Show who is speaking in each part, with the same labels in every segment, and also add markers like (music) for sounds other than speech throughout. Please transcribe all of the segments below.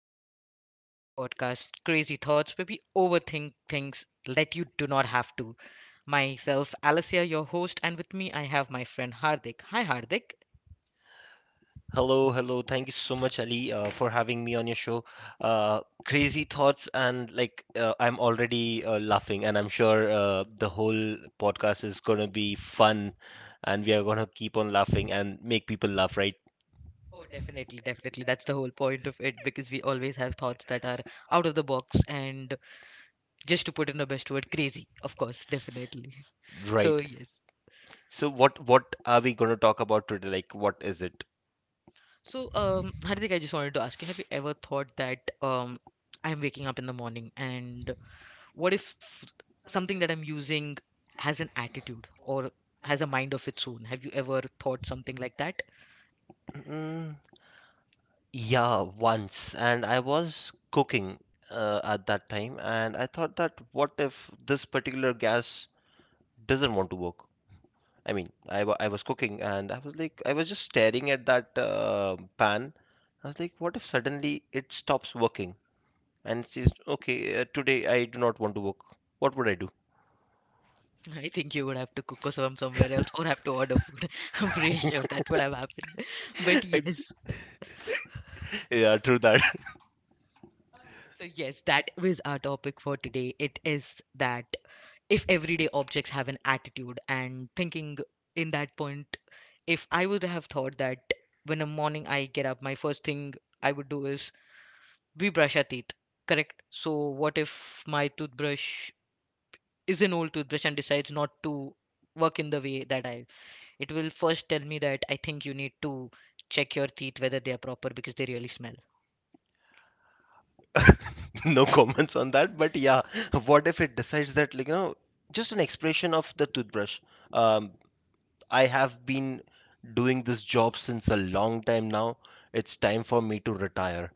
Speaker 1: and welcome to our podcast, Crazy Thoughts, where we overthink things that you do not have to. Myself, Alicia, your host, and with me, I have my friend Hardik. Hi, Hardik.
Speaker 2: Hello, hello. Thank you so much, Ali, for having me on your show. Uh, Crazy thoughts, and like, I'm already laughing, and I'm sure the whole podcast is gonna be fun, and we are gonna keep on laughing and make people laugh, right?
Speaker 1: Oh, definitely, definitely. That's the whole point of it because we always have thoughts that are out of the box and just to put in the best word, crazy. Of course, definitely. (laughs) So,
Speaker 2: Right.
Speaker 1: yes.
Speaker 2: So, what are we gonna talk about today? Like, what is it?
Speaker 1: So, Hardik, I just wanted to ask you, have you ever thought that, I'm waking up in the morning, and what if something that I'm using has an attitude or has a mind of its own? Have you ever thought something like that?
Speaker 2: Mm, yeah, once, and I was cooking at that time, and I thought that what if this particular gas doesn't want to work? I mean, I was cooking and I was like, I was just staring at that pan. I was like, what if suddenly it stops working and says, okay, today I do not want to work. What would I do?
Speaker 1: (laughs) I think you would have to cook us from somewhere else or have to order food. (laughs) I'm pretty sure that would have happened. (laughs) But
Speaker 2: (laughs) Ex-
Speaker 1: yes,
Speaker 2: yeah, true that.
Speaker 1: so yes, that was our topic for today. It is that if everyday objects have an attitude and thinking. In that point, if I would have thought that when a morning I get up, my first thing I would do is we brush our teeth, correct? So what if my toothbrush is an old toothbrush and decides not to work in the way that I it will first tell me that I think you need to check your teeth whether they are proper because they really smell.
Speaker 2: (laughs) No comments on that, but yeah, what if it decides that, like, you know, just an expression of the toothbrush. Um, I have been doing this job since a long time now. It's time for me to retire.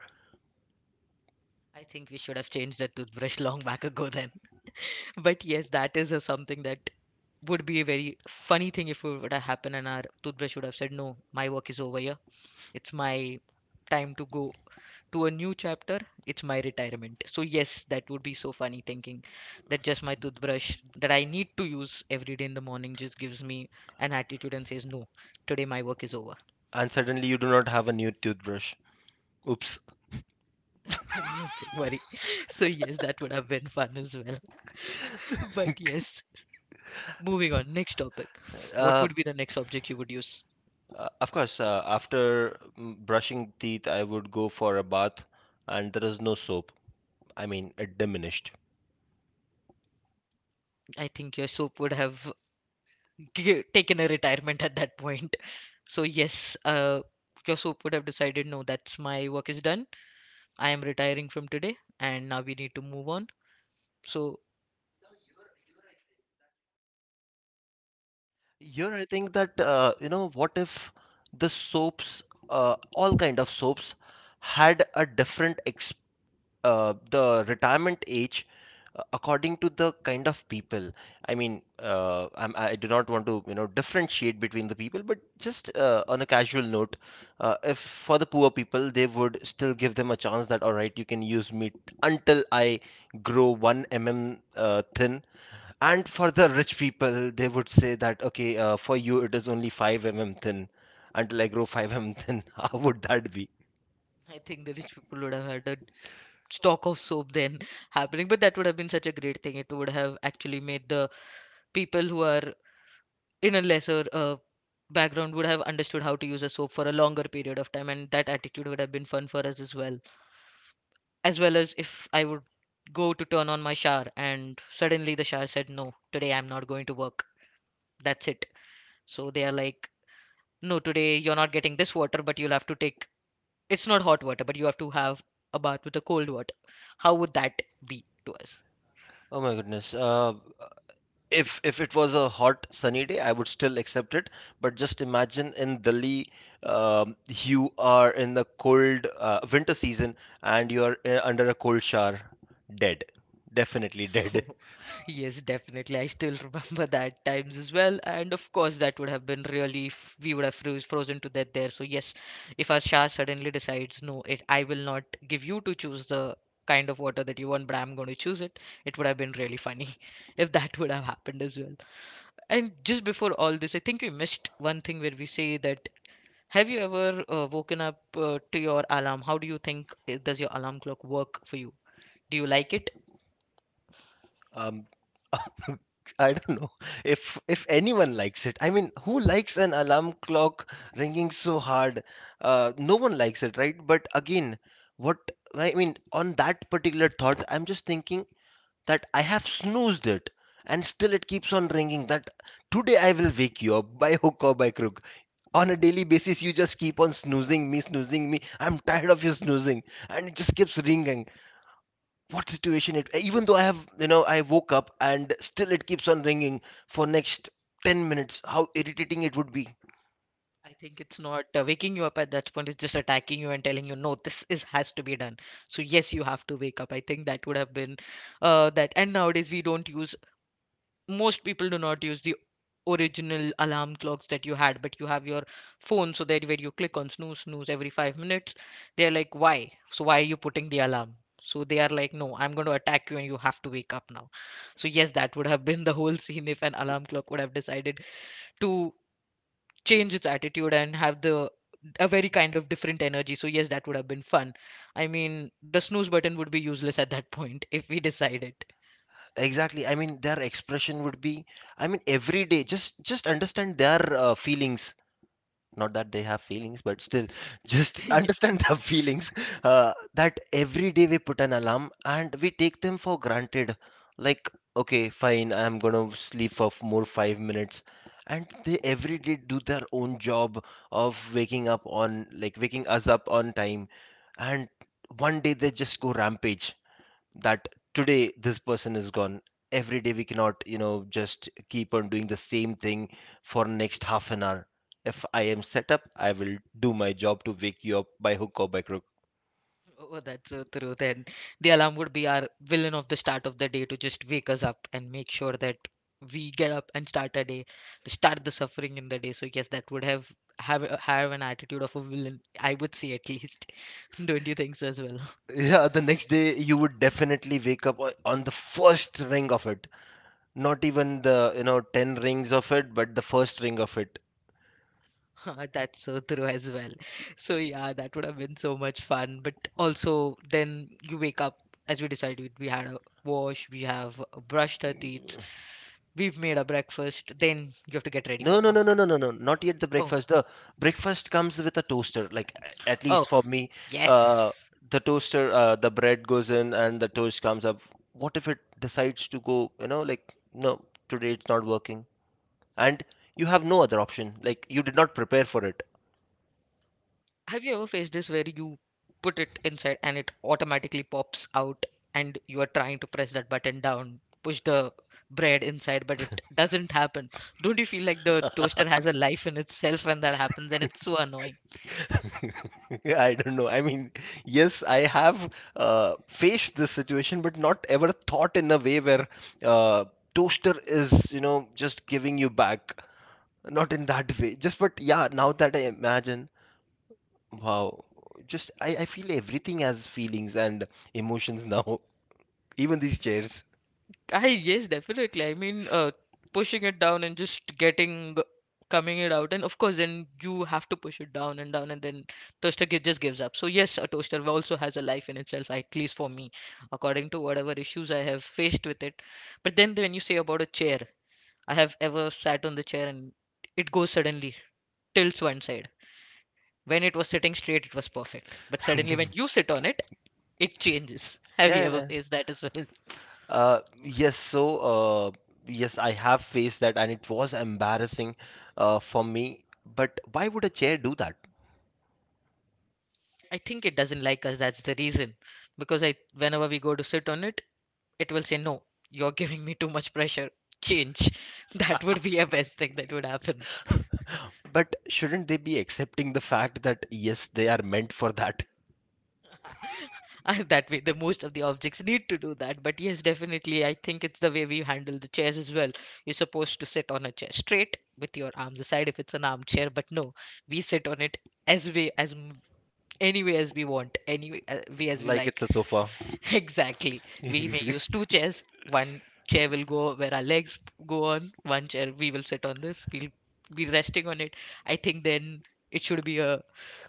Speaker 1: I think we should have changed that toothbrush (laughs) long back ago then. (laughs) But yes, that is a something that would be a very funny thing if it would have happened and our toothbrush would have said, no, my work is over here. It's my time to go to a new chapter. It's my retirement. So, yes, that would be so funny thinking that just my toothbrush that I need to use every day in the morning just gives me an attitude and says, no, today my work is over.
Speaker 2: And suddenly you do not have a new toothbrush. Oops.
Speaker 1: (laughs) That's a new thing, worry. (laughs) So, yes, that would have been fun as well. (laughs) But yes, moving on. Next topic. What
Speaker 2: Uh,
Speaker 1: would be the next object you would use?
Speaker 2: of course, after mm, brushing teeth, I would go for a bath, and there is no soap. I mean, it diminished.
Speaker 1: I think your soap would have taken a retirement at that point. So yes, your soap would have decided, no, that's my work is done. I am retiring from today, and now we need to move on. So
Speaker 2: Here I think that you know what if the soaps, all kind of soaps, had a different ex the retirement age according to the kind of people. I mean, I do not want to you know differentiate between the people, but just on a casual note, if for the poor people, they would still give them a chance that all right, you can use meat until I grow one mm thin. And for the rich people, they would say that, okay, for you it is only 5 mm thin. Until I grow (laughs) 5 mm thin, (laughs) how would that be?
Speaker 1: I think the rich people would have had a stock of soap then (laughs) happening, but that would have been such a great thing. It would have actually made the people who are in a lesser background would have understood how to use a soap for a longer period of time, and that attitude would have been fun for us as well, as well as if I would go to turn on my shower, and suddenly the shower said, no, today I'm not going to work, that's it. So they are like, no, today you're not getting this water but you'll have to take, it's not hot water, but you have to have a bath with a cold water. How would that be to us?
Speaker 2: Oh my goodness. If it was a hot sunny day, I would still accept it. But just imagine in Delhi, you are in the cold winter season and you are under a cold shower, dead. Definitely dead. (laughs)
Speaker 1: (laughs) Yes, definitely. I still (laughs) remember that times as well. And of course, that would have been really, we would have frozen to death there. So, yes, if our Shah suddenly decides, no, I will not give you to choose the kind of water that you want, but I'm going to choose it, it would have been really funny (laughs) if that would have happened as well. And just before all this, I think we missed one thing where we say that have you ever woken up to your alarm? How do you think does your alarm clock work for you? Do you like it?
Speaker 2: Um, (laughs) I don't know if anyone likes it. I mean, who likes an alarm clock ringing so hard? No one likes it, right? But again, what I mean on that particular thought, I'm just thinking that I have snoozed it, and still it keeps on ringing. That today I will wake you up (laughs) by hook or by crook. On a daily basis, you just keep on snoozing me, snoozing me. I'm tired of you snoozing, and it just keeps ringing, what situation it, even though I have, you know, I woke up and still it keeps on ringing for next 10 minutes. How irritating it would be.
Speaker 1: I think it's not waking you up at that point. It's just attacking you and telling you, no, this is has to be done. So yes, you have to wake up. I think that would have been that. And nowadays we don't use. Most people do not use the original alarm clocks that you had, but you have your phone so that where you click on snooze every 5 minutes, they're like, why? So why are you putting the alarm? So they are like, no, I'm going to attack you and you have to wake up now. So yes, that would have been the whole scene if an alarm clock would have decided to change its attitude and have the a very kind of different energy. So yes, that would have been fun. I mean, the snooze button would be useless at that point if we decide it.
Speaker 2: Exactly, I mean their expression would be, I mean every day, just understand their feelings, not that they have feelings, but still, just (laughs)
Speaker 1: (laughs) Yes.
Speaker 2: understand the feelings, that every day we put an alarm and we take them for granted, like, okay fine, I'm gonna sleep for more 5 minutes, and they every day do their own job of waking up on, like, waking us up on time. And one day they just go rampage, that today this person is gone. Every day we cannot, you know, just keep on doing the same thing. For next half an hour, if I am set up, I will do my job to wake you up by hook or by crook.
Speaker 1: Oh, that's so true. Then the alarm would be our villain of the start of the day to just wake us up and make sure that we get up and start a day, to start the suffering in the day. So yes, that would have an attitude of a villain. I would say at least. (laughs) Don't you think so as well?
Speaker 2: Yeah, the next day you would definitely wake up on the first ring of it, not even the, you know, 10 rings of it, but the first ring of it.
Speaker 1: (laughs) That's so true as well. So yeah, that would have been so much fun. But also, then you wake up as we decided. We had a wash. We have brushed our teeth. We've made a breakfast. Then you have to get ready for
Speaker 2: No, no, no, no,
Speaker 1: work.
Speaker 2: no, no, no. Not yet the
Speaker 1: Oh,
Speaker 2: breakfast. The breakfast comes with a toaster. Like at
Speaker 1: oh,
Speaker 2: least for me, uh,
Speaker 1: yes.
Speaker 2: the toaster, the bread goes in and the toast comes up. What if it decides to go? You know, like no, today it's not working, and you have no other option. Like you did not prepare for it.
Speaker 1: Have you ever faced this where you put it inside and it automatically pops out, and you are trying to press that button down, push the bread inside, but it doesn't happen? Don't you feel like the toaster has a life in itself when that happens, and it's so annoying?
Speaker 2: (laughs) I don't know. I mean, yes, I have faced this situation, but not ever thought in a way where uh, toaster is, you know, just giving you back. Not in that way. Just but yeah, now that I imagine, wow. Just I feel everything has feelings and emotions now. (laughs) Even these chairs.
Speaker 1: I Yes, definitely. I mean, pushing it down and just getting coming it out, and of course, then you have to push it down and down, and then toaster just gives up. So yes, a toaster also has a life in itself, at least for me, according to whatever issues I have faced with it. But then when you say about a chair, I have ever sat on the chair and it goes suddenly tilts one side. When it was sitting straight, it was perfect, but
Speaker 2: (laughs)
Speaker 1: suddenly when you sit on it, it changes. Have you
Speaker 2: Yeah,
Speaker 1: ever
Speaker 2: yeah.
Speaker 1: faced that as well?
Speaker 2: Uh, yes, so yes, I have faced that and it was embarrassing for me. But why would a chair do that?
Speaker 1: I think it doesn't like us. That's the reason. Because whenever we go to sit on it, it will say, no, you're giving me too much pressure. Change. (laughs) That would be a best thing that would happen.
Speaker 2: But shouldn't they be accepting the fact that yes, they are meant for that?
Speaker 1: (laughs) And that way, the most of the objects need to do that. But yes, definitely, I think it's the way we handle the chairs as well. You're supposed to sit on a chair straight with your arms aside if it's an armchair. But no, we sit on it as we as m- any way as we want, way as we
Speaker 2: Like it's a
Speaker 1: like.
Speaker 2: sofa.
Speaker 1: (laughs) Exactly. We may use
Speaker 2: (laughs)
Speaker 1: two chairs. One chair will go where our legs go on, one chair we will sit on this. We'll be resting on it. I think then it should be a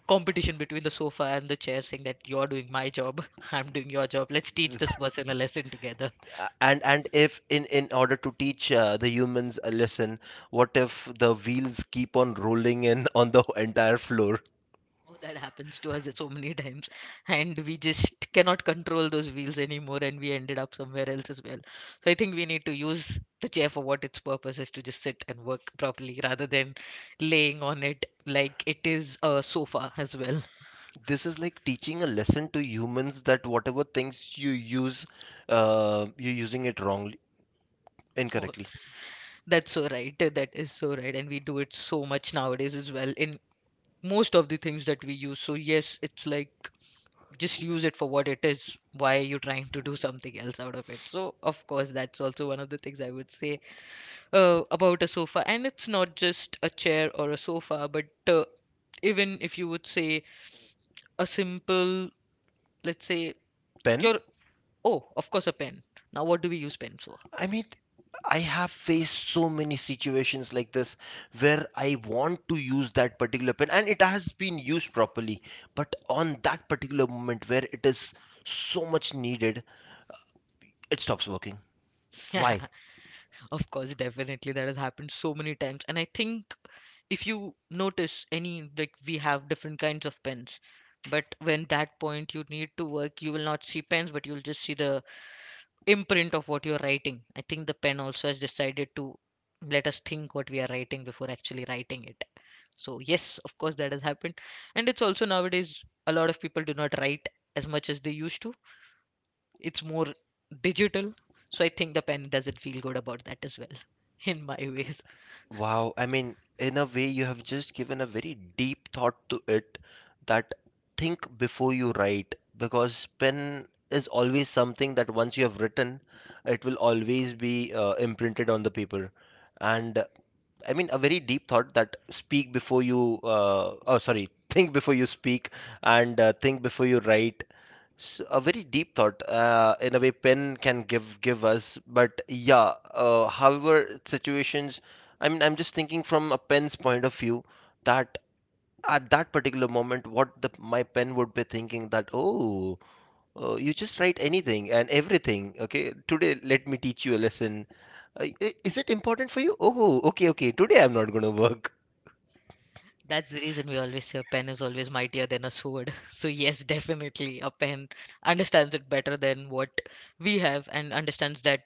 Speaker 1: competition between the sofa and the chair saying that you're doing my job, (laughs) I'm doing your job. Let's teach this person a lesson together.
Speaker 2: And if in in order to teach the humans a lesson, what if the wheels keep on rolling in (laughs) on the entire floor.
Speaker 1: Oh, that happens to us so many (laughs) times, and we just cannot control those wheels anymore, and we ended up somewhere else as well. So I think we need to use the chair for what its purpose is to just sit and work properly rather than laying on it like it is a sofa as well. (laughs)
Speaker 2: This is like teaching a lesson to humans that whatever things you use, you're using it wrongly,
Speaker 1: Oh,
Speaker 2: incorrectly.
Speaker 1: that's so right. That is so right. And we do it so much nowadays as well in most of the things that we use. So yes, it's like just use it for what it is. Why are you trying to do something else out of it? So of course, that's also one of the things I would say about a sofa. And it's not just a chair or a sofa, but even if you would say a simple, let's say
Speaker 2: Pen,
Speaker 1: your oh, of course, a pen. Now, what do we use pens for?
Speaker 2: I mean, I have faced so many situations like this where I want to use that particular pen and it has been used properly, but on that particular moment where it is so much needed, it stops working. Why?
Speaker 1: (laughs) Of course, definitely that has happened so many times. And I think if you notice any, like we have different kinds of pens. But when that point you need to work, you will not see pens, but you'll just see the imprint of what you're writing. I think the pen also has decided to let us think what we are writing before actually writing it. So yes, of course that has happened. And it's also nowadays a lot of people do not write as much as they used to. It's more digital. So I think the pen doesn't feel good about that as well (laughs) in my ways.
Speaker 2: Wow, I mean, in a way, you have just given a very deep thought to it, that think before you write, because pen is always something that once you have written, it will always be imprinted on the paper. And I mean, a very deep thought that speak before you, oh, sorry, (laughs) think before you speak and think before you write. So a very deep thought, in a way, pen can give us, but yeah. However, situations, I mean, I'm just thinking from a pen's point of view that at that particular moment, what the my pen would be thinking that, oh, you just write anything and everything. Okay, today let me teach you a lesson. Is it important for you? Oh, okay, okay. Today I'm not gonna work.
Speaker 1: That's the reason we always say a pen is always mightier than a sword. (laughs) So yes, definitely a pen understands it better than what we have and understands that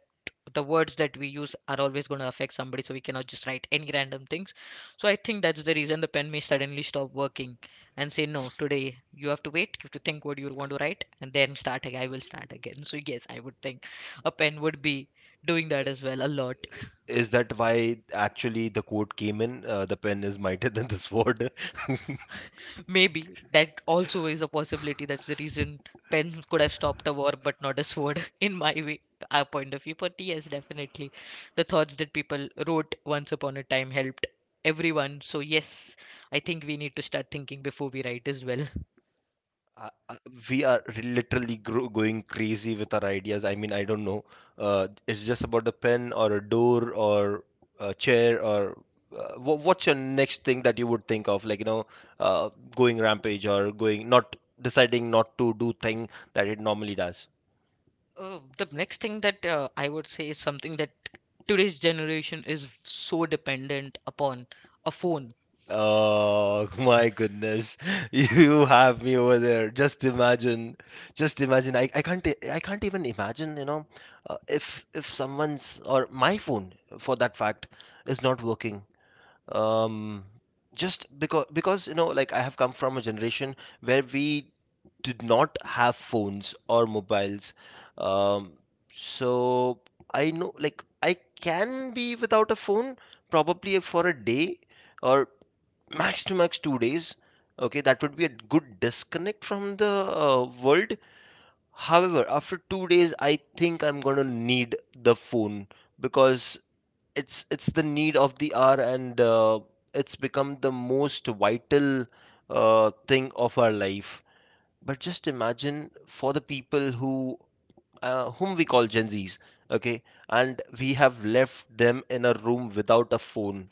Speaker 1: the words that we use are always going to affect somebody, so we cannot just write any random things. So I think that's the reason the pen may suddenly stop working and say no, today you have to wait, you have to think what you want to write and then start again. I will start again. So yes, I would think a pen would be doing that as well a lot.
Speaker 2: Is that why actually the quote came in? The pen is mightier (laughs) than the sword. (laughs)
Speaker 1: Maybe that also is a possibility. That's the reason pen could have stopped a war, but not a sword, (laughs) in my way, our point of view. But yes, definitely, the thoughts that people wrote once upon a time helped everyone. So yes, I think we need to start thinking before we write as well.
Speaker 2: I- I- we are literally gro going crazy with our ideas. I mean, I don't know. It's just about a pen or a door or a chair or what's your next thing that you would think of? Like, you know, uh, going rampage or going not deciding not to do thing that it normally does.
Speaker 1: The next thing that I would say is something that today's generation is so dependent upon: a phone.
Speaker 2: Oh my goodness. (laughs) You have me over there. Just imagine. Just imagine. I can't I can't even imagine, you know, if someone's or my phone for that fact is not working. Um, just because you know, like, I have come from a generation where we did not have phones or mobiles. Um, so I know, like, I can be without a phone probably for a day, or max to max 2 days. Okay, that would be a good disconnect from the world. However, after 2 days, I think I'm gonna need the phone because it's the need of the hour and it's become the most vital thing of our life. But just imagine for the people who whom we call Gen Zs, okay, and we have left them in a room without a phone.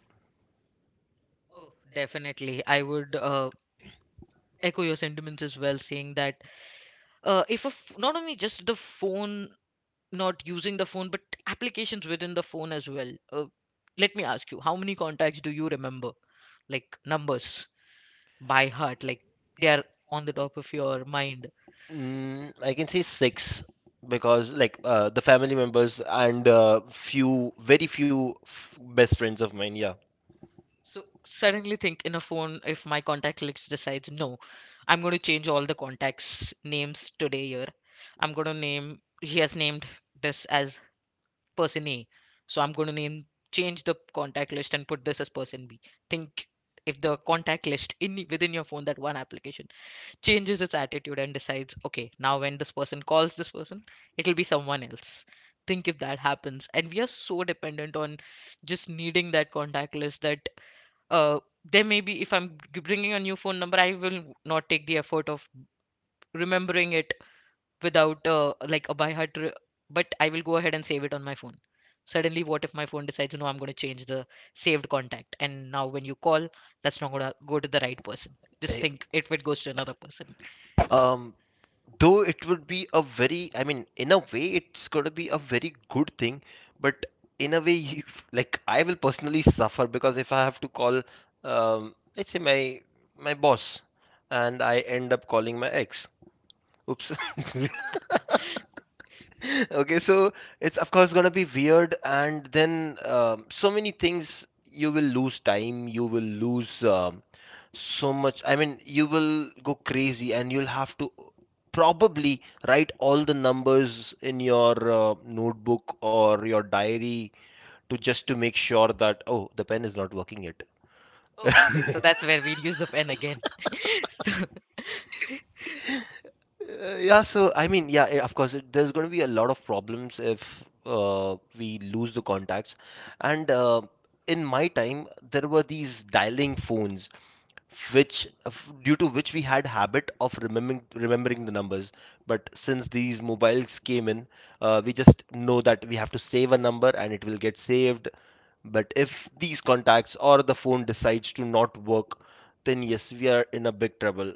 Speaker 1: Oh, definitely, I would echo your sentiments as well, saying that if a f- not only just the phone, not using the phone, but applications within the phone as well. Let me ask you, how many contacts do you remember, like numbers, by heart, like they are on the top of your mind?
Speaker 2: Mm, I can say six, because like the family members and few, very few f best friends of mine. Yeah.
Speaker 1: So suddenly think, in a phone, if my contact list decides, no, I'm going to change all the contacts names today. Here I'm going to name, he has named this as person A. So I'm going to name, change the contact list and put this as person B. Think if the contact list in within your phone, that one application, changes its attitude and decides, okay, now when this person calls this person, it'll be someone else. Think if that happens, and we are so dependent on just needing that contact list, that uh, there may be, if bringing a new phone number, I will not take the effort of remembering it without like a by heart but I will go ahead and save it on my phone. Suddenly what if my phone decides, no, I'm going to change the saved contact, and now when you call, that's not going to go to the right person. Just
Speaker 2: Eh,
Speaker 1: think if it goes to another person.
Speaker 2: Um, though it would be a very, I mean, in a way, it's gonna be a very good thing, but in a way, (laughs) you, like I will personally suffer because if I have to call, let's say my boss, and I end up calling my ex. Oops. (laughs) (laughs) Okay, so it's of course gonna be weird, and then so many things, you will lose time, you will lose so much. I mean, you will go crazy, and you'll have to probably write all the numbers in your notebook or your diary, to just to make sure that oh, the pen is not working yet.
Speaker 1: Oh, so that's where we use the pen again. (laughs) So
Speaker 2: Yeah, so I mean, yeah, of course, there's going to be a lot of problems if we lose the contacts. And in my time, there were these dialing phones, which due to which we had habit of remembering the numbers. But since these mobiles came in, we just know that we have to save a number and it will get saved. But if these contacts or the phone decides to not work, then yes, we are in a big trouble.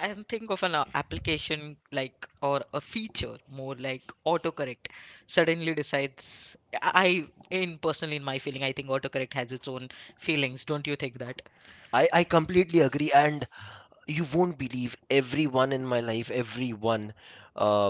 Speaker 1: and think of an application, like or a feature more like autocorrect, suddenly decides, i I- in personally, in my feeling, I think autocorrect has its own feelings, don't you think that?
Speaker 2: I completely agree, and you won't believe everyone in my life, everyone. Uh,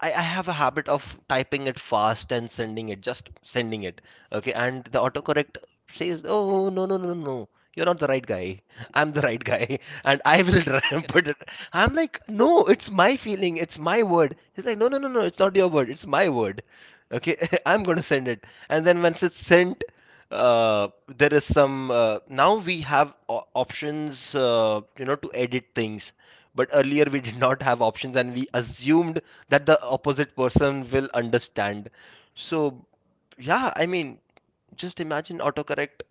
Speaker 2: I have a habit of typing it fast and sending it, just sending it. Okay, and the autocorrect says, "Oh no no no no, you're not the right guy. (laughs) I'm the right guy, (laughs) and I will try and put
Speaker 1: Correct.
Speaker 2: it." I'm like, "No, it's my feeling, it's my word." He's like, "No no no no, it's not your word, it's my word." Okay, (laughs) I'm gonna send it, and then once it's sent uh, there is some now we have options to edit things but earlier we (laughs) did not have options, and we assumed that the opposite person will understand. So yeah, I mean, just imagine autocorrect.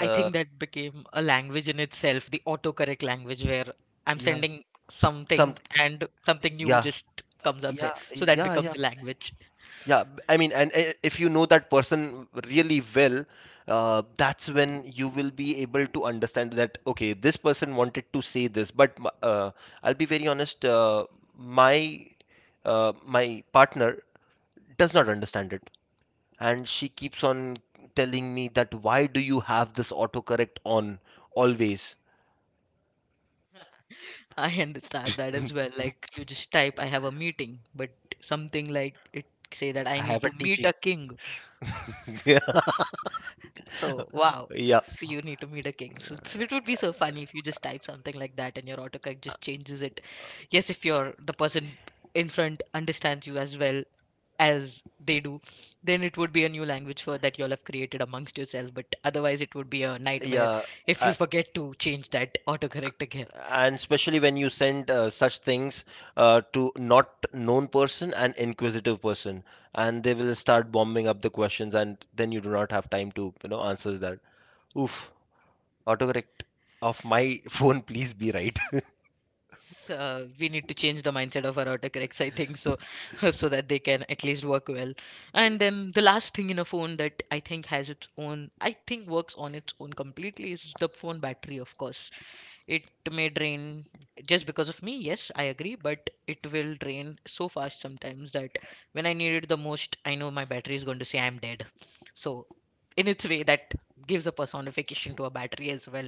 Speaker 1: I think that became a language in itself, the autocorrect language, where I'm
Speaker 2: yeah.
Speaker 1: sending something
Speaker 2: Something.
Speaker 1: and something new
Speaker 2: Yeah,
Speaker 1: just comes up there.
Speaker 2: yeah,
Speaker 1: So
Speaker 2: yeah,
Speaker 1: that
Speaker 2: yeah.
Speaker 1: becomes a language.
Speaker 2: Yeah, I mean, and if you know that person really well, that's when you will be able to understand that, okay, this person wanted to say this, but I'll be very honest. My my partner does not understand it, and she keeps on telling me that why do you have this autocorrect on always?
Speaker 1: I (laughs) understand that as well. Like you just type, I have a meeting, but something like it say that I
Speaker 2: I have
Speaker 1: need
Speaker 2: a
Speaker 1: to meet
Speaker 2: teaching.
Speaker 1: a king.
Speaker 2: (laughs) Yeah.
Speaker 1: So wow,
Speaker 2: Yeah.
Speaker 1: so you need to meet a king. So it's, it would be so funny if you just type something like that and your autocorrect just changes it. Yes, if you're the person in front understands you as well as they do, then it would be a new language for that you'll have created amongst yourself. But otherwise, it would be a nightmare
Speaker 2: Yeah.
Speaker 1: if you
Speaker 2: I,
Speaker 1: forget to change that autocorrect again.
Speaker 2: and especially when you send such things to not known person and inquisitive person, and they will start bombing up the questions, and then you do not have time to answer that. Oof. Autocorrect of my (laughs) phone, please be right.
Speaker 1: Yes, we need to change the mindset of our autocorrects, I think so, (laughs) so that they can at least work well. And then the last thing in a phone that I think has its own, I think works on its own completely, is the phone battery, of course. It may drain just because of me, yes, I agree, but it will drain so fast sometimes that when I need it the most, I know my battery is going to say I'm dead. So, in its way, that gives a personification to a battery as well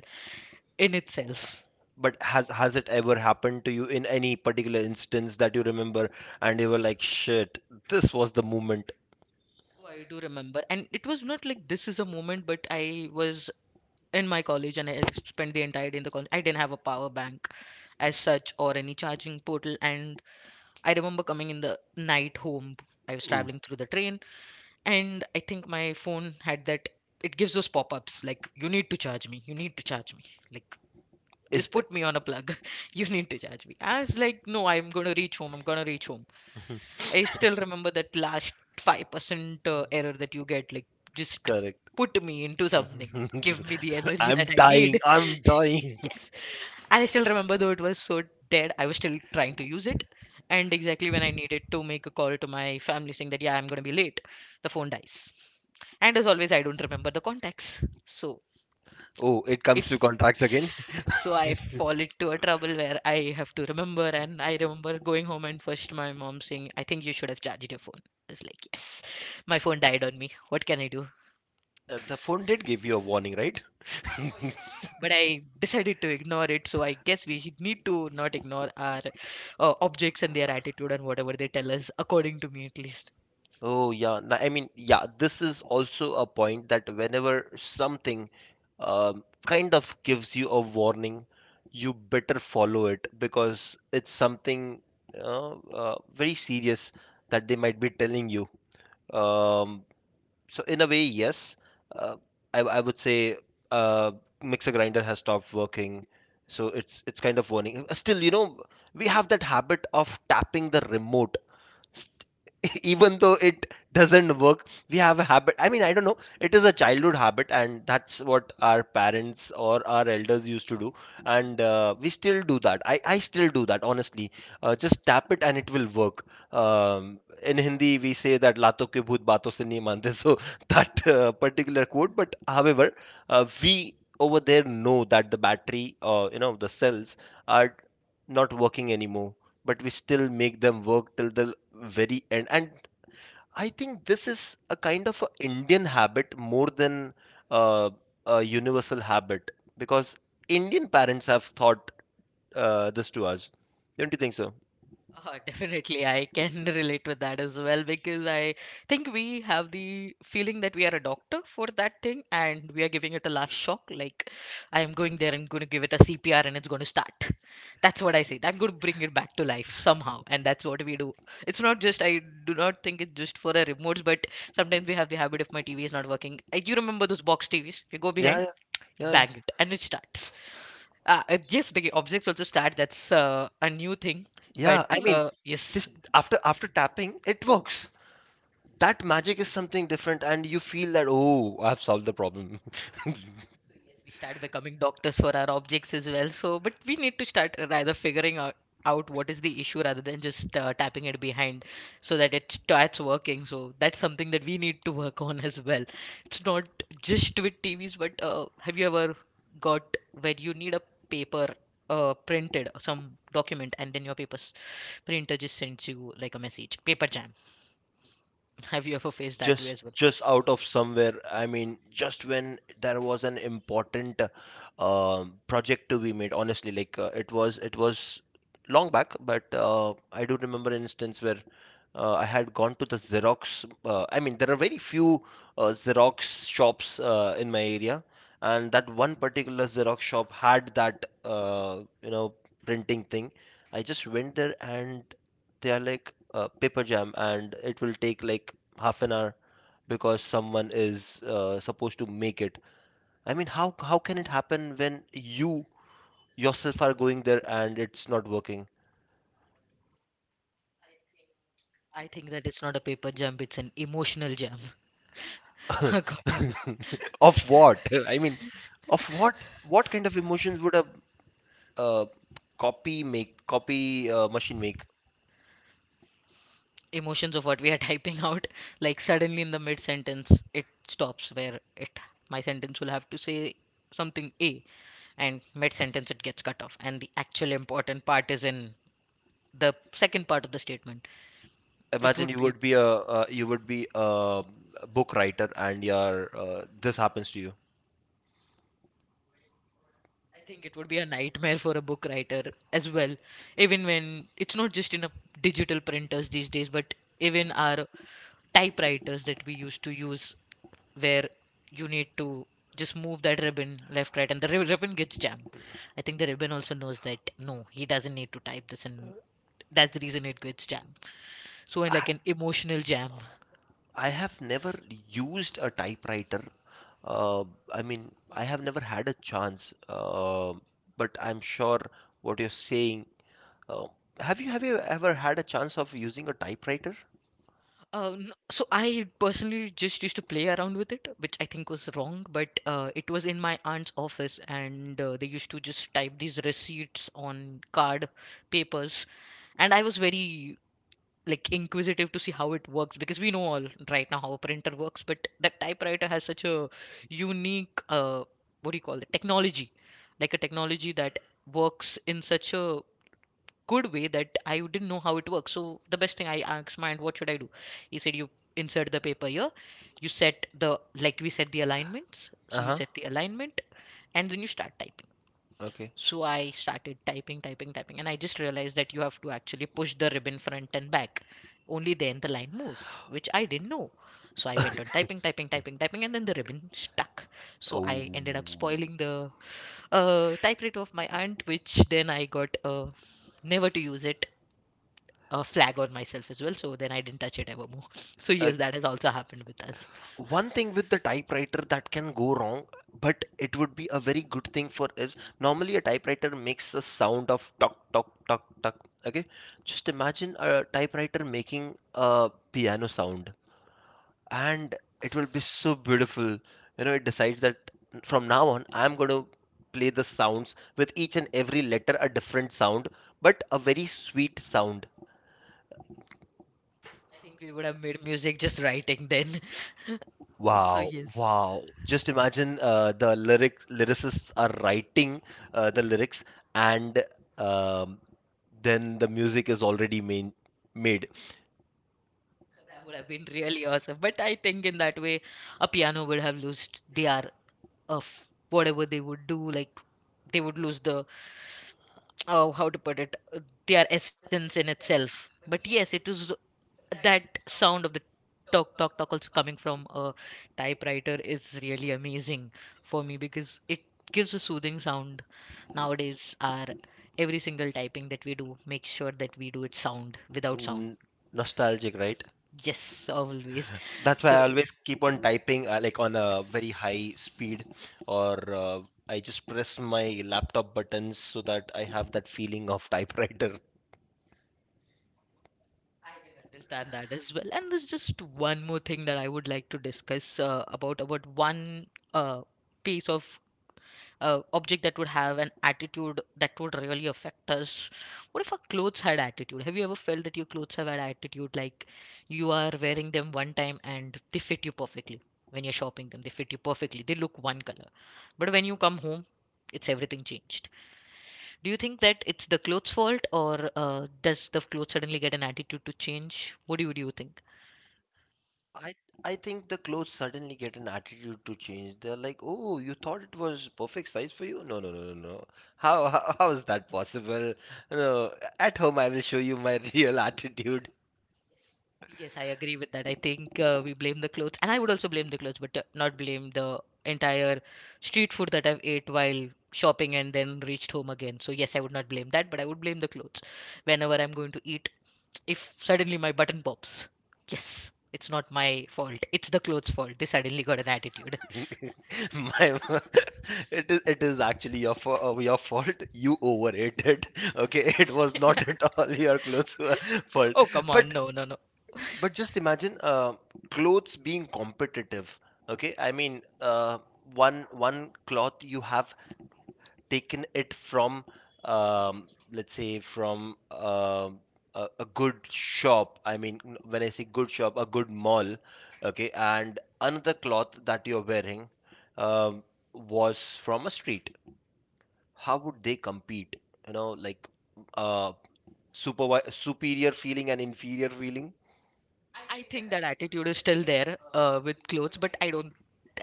Speaker 1: in itself.
Speaker 2: (laughs) But has it ever happened to you in any particular instance that you remember, and you were like, shit, this was the moment?
Speaker 1: Oh, I do remember, and it was not like this is a moment, but I was in my college and I spent the entire day in the college. I didn't have a power bank as such or any charging portal, and I remember coming in the night home. I was
Speaker 2: Ooh.
Speaker 1: traveling through the train, and I think my phone had that. It gives those pop-ups like you need to charge me, you need to charge me, like
Speaker 2: Is
Speaker 1: just put me on a plug, (laughs) you need to charge me. I was like, no, I'm gonna reach home, I'm gonna reach home. I still remember that last 5% error that you get. Like, just
Speaker 2: correct.
Speaker 1: put me into something.
Speaker 2: (laughs)
Speaker 1: Give me the energy
Speaker 2: I'm
Speaker 1: that I
Speaker 2: dying.
Speaker 1: need.
Speaker 2: I'm dying.
Speaker 1: (laughs) Yes. And I still remember, though it was so dead, I was still trying to use it. And exactly when I needed to make a call to my family saying that, yeah, I'm going to be late, the phone dies. And as always, I don't remember the contacts. So
Speaker 2: Oh, it
Speaker 1: it
Speaker 2: comes to contracts again.
Speaker 1: so I fall into a trouble where I have to remember, and I remember going home and first my mom saying, "I think you should have charged your phone." I was like, "Yes, my phone died on me. What can I do?"
Speaker 2: The phone did give you a warning, right?
Speaker 1: Yes, but I decided to ignore it. So I guess we should need to not ignore our objects and their attitude and whatever they tell us, according to me at least.
Speaker 2: Oh, yeah. I mean, yeah, this is also a point that whenever something kind of gives you a warning, you better follow it because it's something very serious that they might be telling you. Um, so in a way, yes, uh, I would say uh, mixer grinder has stopped working, so it's kind of warning. Still, you know, we have that habit of tapping the remote (laughs) even though it doesn't work. We have a habit, I mean, I don't know, it is a childhood habit, and that's what our parents or our elders used to do, and we still do that. I still do that, honestly. Just tap it and it will work. In Hindi we say that lato ke bhoot baaton se nahi mante, so (laughs) that particular quote. But however, we over there know that the battery, you know, the cells are not working anymore, but we still make them work till the very end. And I think this is a kind of a Indian habit more than uh, a universal habit, because Indian parents have taught this to us. Don't you think so?
Speaker 1: (laughs) Definitely, I can (laughs) relate with that as well because I think we have the feeling that we are a doctor for that thing and we are giving it a last shock. Like, I am going there and going to give it a CPR and it's going to start. That's what I say. I'm going to bring it back to
Speaker 2: (laughs)
Speaker 1: life somehow. And that's what we do. It's not just, I do not think it's just for a remotes, but sometimes we have the habit if my TV is not working. You remember those box TVs? You go
Speaker 2: Yeah,
Speaker 1: behind,
Speaker 2: yeah, yeah. Yeah.
Speaker 1: bang it, and it starts. Yes, the objects also start. That's a new thing. But
Speaker 2: Yeah, I mean, this,
Speaker 1: yes,
Speaker 2: after tapping, it works. That magic is something different, and you feel that, oh, I've solved the problem.
Speaker 1: we start becoming doctors for our objects as well. So, but we need to start rather figuring out what is the issue rather than just tapping it behind so that it starts working. So, that's something that we need to work on as well. It's not just with TVs, but have you ever got where you need a paper printed, some document, and then your papers printer just sends you like a message, paper jam. Have you ever faced that way
Speaker 2: just
Speaker 1: as well?
Speaker 2: just out of somewhere, I mean, just when there was an important project to be made, honestly. Like, it was long back, but I do remember an instance where I had gone to the xerox. I mean, there are very few xerox shops in my area, and that one particular xerox shop had that, uh, printing thing. I just went there, and they are like, paper jam, and it will take like half an hour because someone is supposed to make it. I mean, how can it happen when you yourself are going there and it's not working?
Speaker 1: I think that it's not a paper jump, it's an emotional jam. (laughs)
Speaker 2: (laughs)
Speaker 1: According to
Speaker 2: Of what? I mean, of what? What kind of emotions would a uh, copy make, copy machine make?
Speaker 1: emotions of what we are typing out, like suddenly in the mid sentence, it stops where it my sentence will have to say something A, and mid sentence it gets cut off, and the actual important part is in the second part of the statement. It
Speaker 2: Imagine
Speaker 1: would
Speaker 2: you
Speaker 1: be
Speaker 2: would be a uh, book writer, and your this happens to you.
Speaker 1: I think it would be a nightmare for a book writer as well, even when it's not just in a digital printers these days, but even our typewriters that we used to use, where you need to just move that ribbon left, right, and the ribbon gets jammed. I think the ribbon also knows that no, he doesn't need to type this, and that's the reason it gets jammed. So, in like an emotional jam.
Speaker 2: I have never used a typewriter. Uh, I mean, I have never had a chance. But I'm sure what you're saying. Uh, have you ever had a chance of using a typewriter?
Speaker 1: So I personally just used to play around with it, which I think was wrong, but it was in my aunt's office, and they used to just type these receipts on card papers, and I was very like inquisitive to see how it works because we know all right now how a printer works, but that typewriter has such a unique what do you call it, technology, like a technology that works in such a good way that I didn't know how it works. So the best thing I asked my aunt, what should I do? He said, you insert the paper here, you set the like we set the alignments. So you
Speaker 2: Uh-huh.
Speaker 1: set the alignment and then you start typing.
Speaker 2: Okay.
Speaker 1: So I started typing, typing, typing, and I just realized that you have to actually push the ribbon front and back. Only then the line moves, which I didn't know. So I went on
Speaker 2: (laughs)
Speaker 1: typing, typing, typing, typing, and then the ribbon stuck. So
Speaker 2: Oh.
Speaker 1: I ended up spoiling the typewriter of my aunt, which then I got never to use it, a flag on myself as well. So then I didn't touch it ever more. (laughs) So
Speaker 2: Uh,
Speaker 1: yes, that has also happened with us.
Speaker 2: one thing with the typewriter that can go wrong, but it would be a very good thing for, is normally a typewriter makes the sound of tok tok tok tok. Okay, just imagine a typewriter making a piano sound, and it will be so beautiful. You know, it decides that from now on, I'm going to play the sounds, with each and every letter a different sound, but a very sweet sound.
Speaker 1: I think we would have made music just writing then. (laughs) So
Speaker 2: Wow,
Speaker 1: yes,
Speaker 2: wow. Just imagine the lyricists are writing the lyrics, and um, then the music is already made.
Speaker 1: that would have been really awesome. But I think in that way, a piano would have lost their of whatever they would do. Like they would lose the oh, how to put it, their essence in itself. But yes, it is that sound of the talk, talk, talk also coming from a typewriter is really amazing for me because it gives a soothing sound. Nowadays, our every single typing that we do, make sure that we do it sound without sound.
Speaker 2: N- nostalgic, right?
Speaker 1: Yes, always.
Speaker 2: That's why I
Speaker 1: So
Speaker 2: always keep on typing like on a very high speed, or I just press my laptop buttons so that I have that feeling of typewriter.
Speaker 1: understand that as well. And there's just one more thing that I would like to discuss about one uh, piece of object that would have an attitude that would really affect us. What if our clothes had attitude? Have you ever felt that your clothes have had attitude? Like you are wearing them one time and they fit you perfectly. When you're shopping them, they fit you perfectly. They look one color. But when you come home, it's everything changed. Do you think that it's the clothes' fault or does the clothes suddenly get an attitude to change? Do you think?
Speaker 2: I I think the clothes suddenly get an attitude to change. They're like, "Oh, you thought it was perfect size for you? No, no, no, no, no. How (laughs) how is that possible? No, at home I will show you my real attitude."
Speaker 1: Yes, I agree with that. I think we blame the clothes, and I would also blame the clothes, but not blame the entire street food that I've ate while shopping and then reached home again. So yes, I would not blame that, but I would blame the clothes whenever I'm going to eat. If suddenly my button pops, yes, it's not my fault. It's the clothes' fault. They suddenly got an attitude. (laughs)
Speaker 2: (laughs) My, my- it is actually your your fault. You overate it. (laughs) Okay, it was not at all your clothes' (laughs) were fault.
Speaker 1: Oh come on,
Speaker 2: But
Speaker 1: no, no, no.
Speaker 2: but just imagine clothes being competitive. Okay, I mean, one cloth you have taken it from, um, let's say, from a good shop. I mean, when I say good shop, a good mall, okay, and another cloth that you're wearing um, was from a street. How would they compete, you know, like, uh superior feeling and inferior feeling?
Speaker 1: I think that attitude is still there with clothes, but I don't.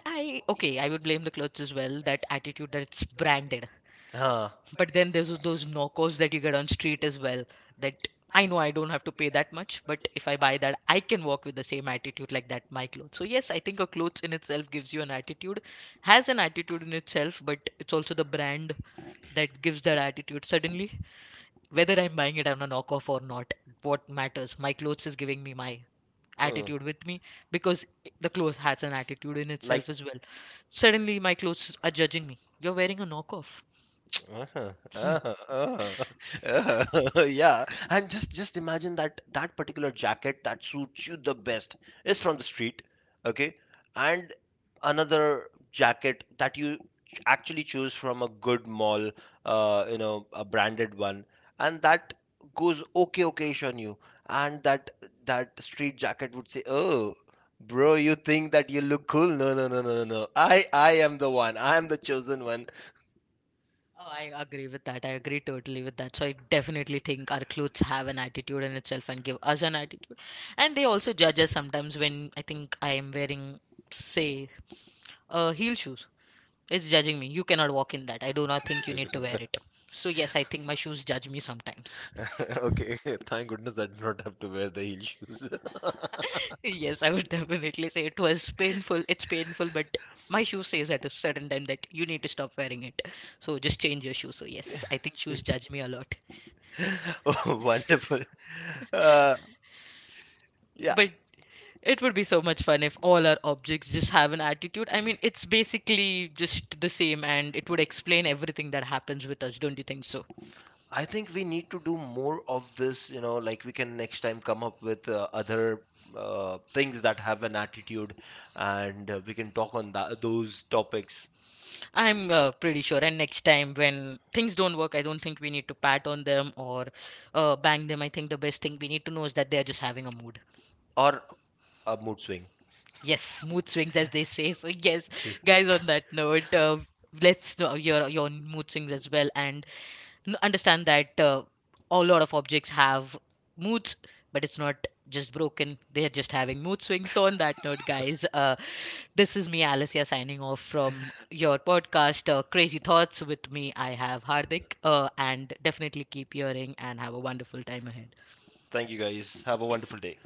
Speaker 1: I okay, I would blame the clothes as well. That attitude that it's branded,
Speaker 2: Huh.
Speaker 1: but then there's those knockouts that you get on street as well, that I know I don't have to pay that much. But if I buy that, I can walk with the same attitude like that my clothes. So yes, I think a clothes in itself gives you an attitude, has an attitude in itself, but it's also the brand that gives that attitude suddenly, whether I'm buying it on a knockoff or not. What matters, my clothes is giving me my
Speaker 2: Uh,
Speaker 1: attitude with me, because the clothes has an attitude in
Speaker 2: like,
Speaker 1: itself as well. Suddenly my clothes are judging me, you're wearing a knockoff.
Speaker 2: uh-huh, uh-huh, uh-huh, (laughs) uh-huh, (laughs) yeah, and just imagine that that particular jacket that suits you the best is from the street, okay, and another jacket that you actually choose from a good mall, you know, a branded one, and that goes okay okayish on you, and that, that street jacket would say, "Oh, bro, you think that you look cool? No, no, no, no, no, no. I am the one. I am the chosen one."
Speaker 1: Oh, I agree with that. I agree totally with that. So I definitely think our clothes have an attitude in itself and give us an attitude. And they also judge us sometimes when I think I am wearing, say, heel shoes. It's judging me. You cannot walk in that. I do not think you need to wear it.
Speaker 2: (laughs)
Speaker 1: So yes, I think my shoes judge me sometimes. (laughs)
Speaker 2: Okay, (laughs) thank goodness I did not have to wear the heel shoes. (laughs)
Speaker 1: Yes, I would definitely say it was painful. It's painful, but my shoe says at a certain time that you need to stop wearing it. So just change your shoe. So yes, I think shoes judge me a lot.
Speaker 2: Oh, wonderful. Uh,
Speaker 1: Yeah.
Speaker 2: yeah,
Speaker 1: But it would be so much fun if all our objects just have an attitude. I mean, it's basically just the same, and it would explain everything that happens with us, don't you think so?
Speaker 2: I think we need to do more of this, you know, like, we can next time come up with other things that have an attitude, and we can talk on that, those topics,
Speaker 1: I'm pretty sure. And next time when things don't work, I don't think we need to pat on them or bang them. I think the best thing we need to know is that they're just having a mood.
Speaker 2: or a mood swing.
Speaker 1: Yes, mood swings, as they say. So, yes,
Speaker 2: (laughs)
Speaker 1: guys, on that note, let's know your mood swings as well. And understand that a lot of objects have moods, but it's not just broken. They are just having mood swings. So on that note, guys, this is me, Alicia, signing off from your podcast, Crazy Thoughts. With me, I have Hardik, and definitely keep hearing and have a wonderful time ahead.
Speaker 2: Thank you guys. Have a wonderful day.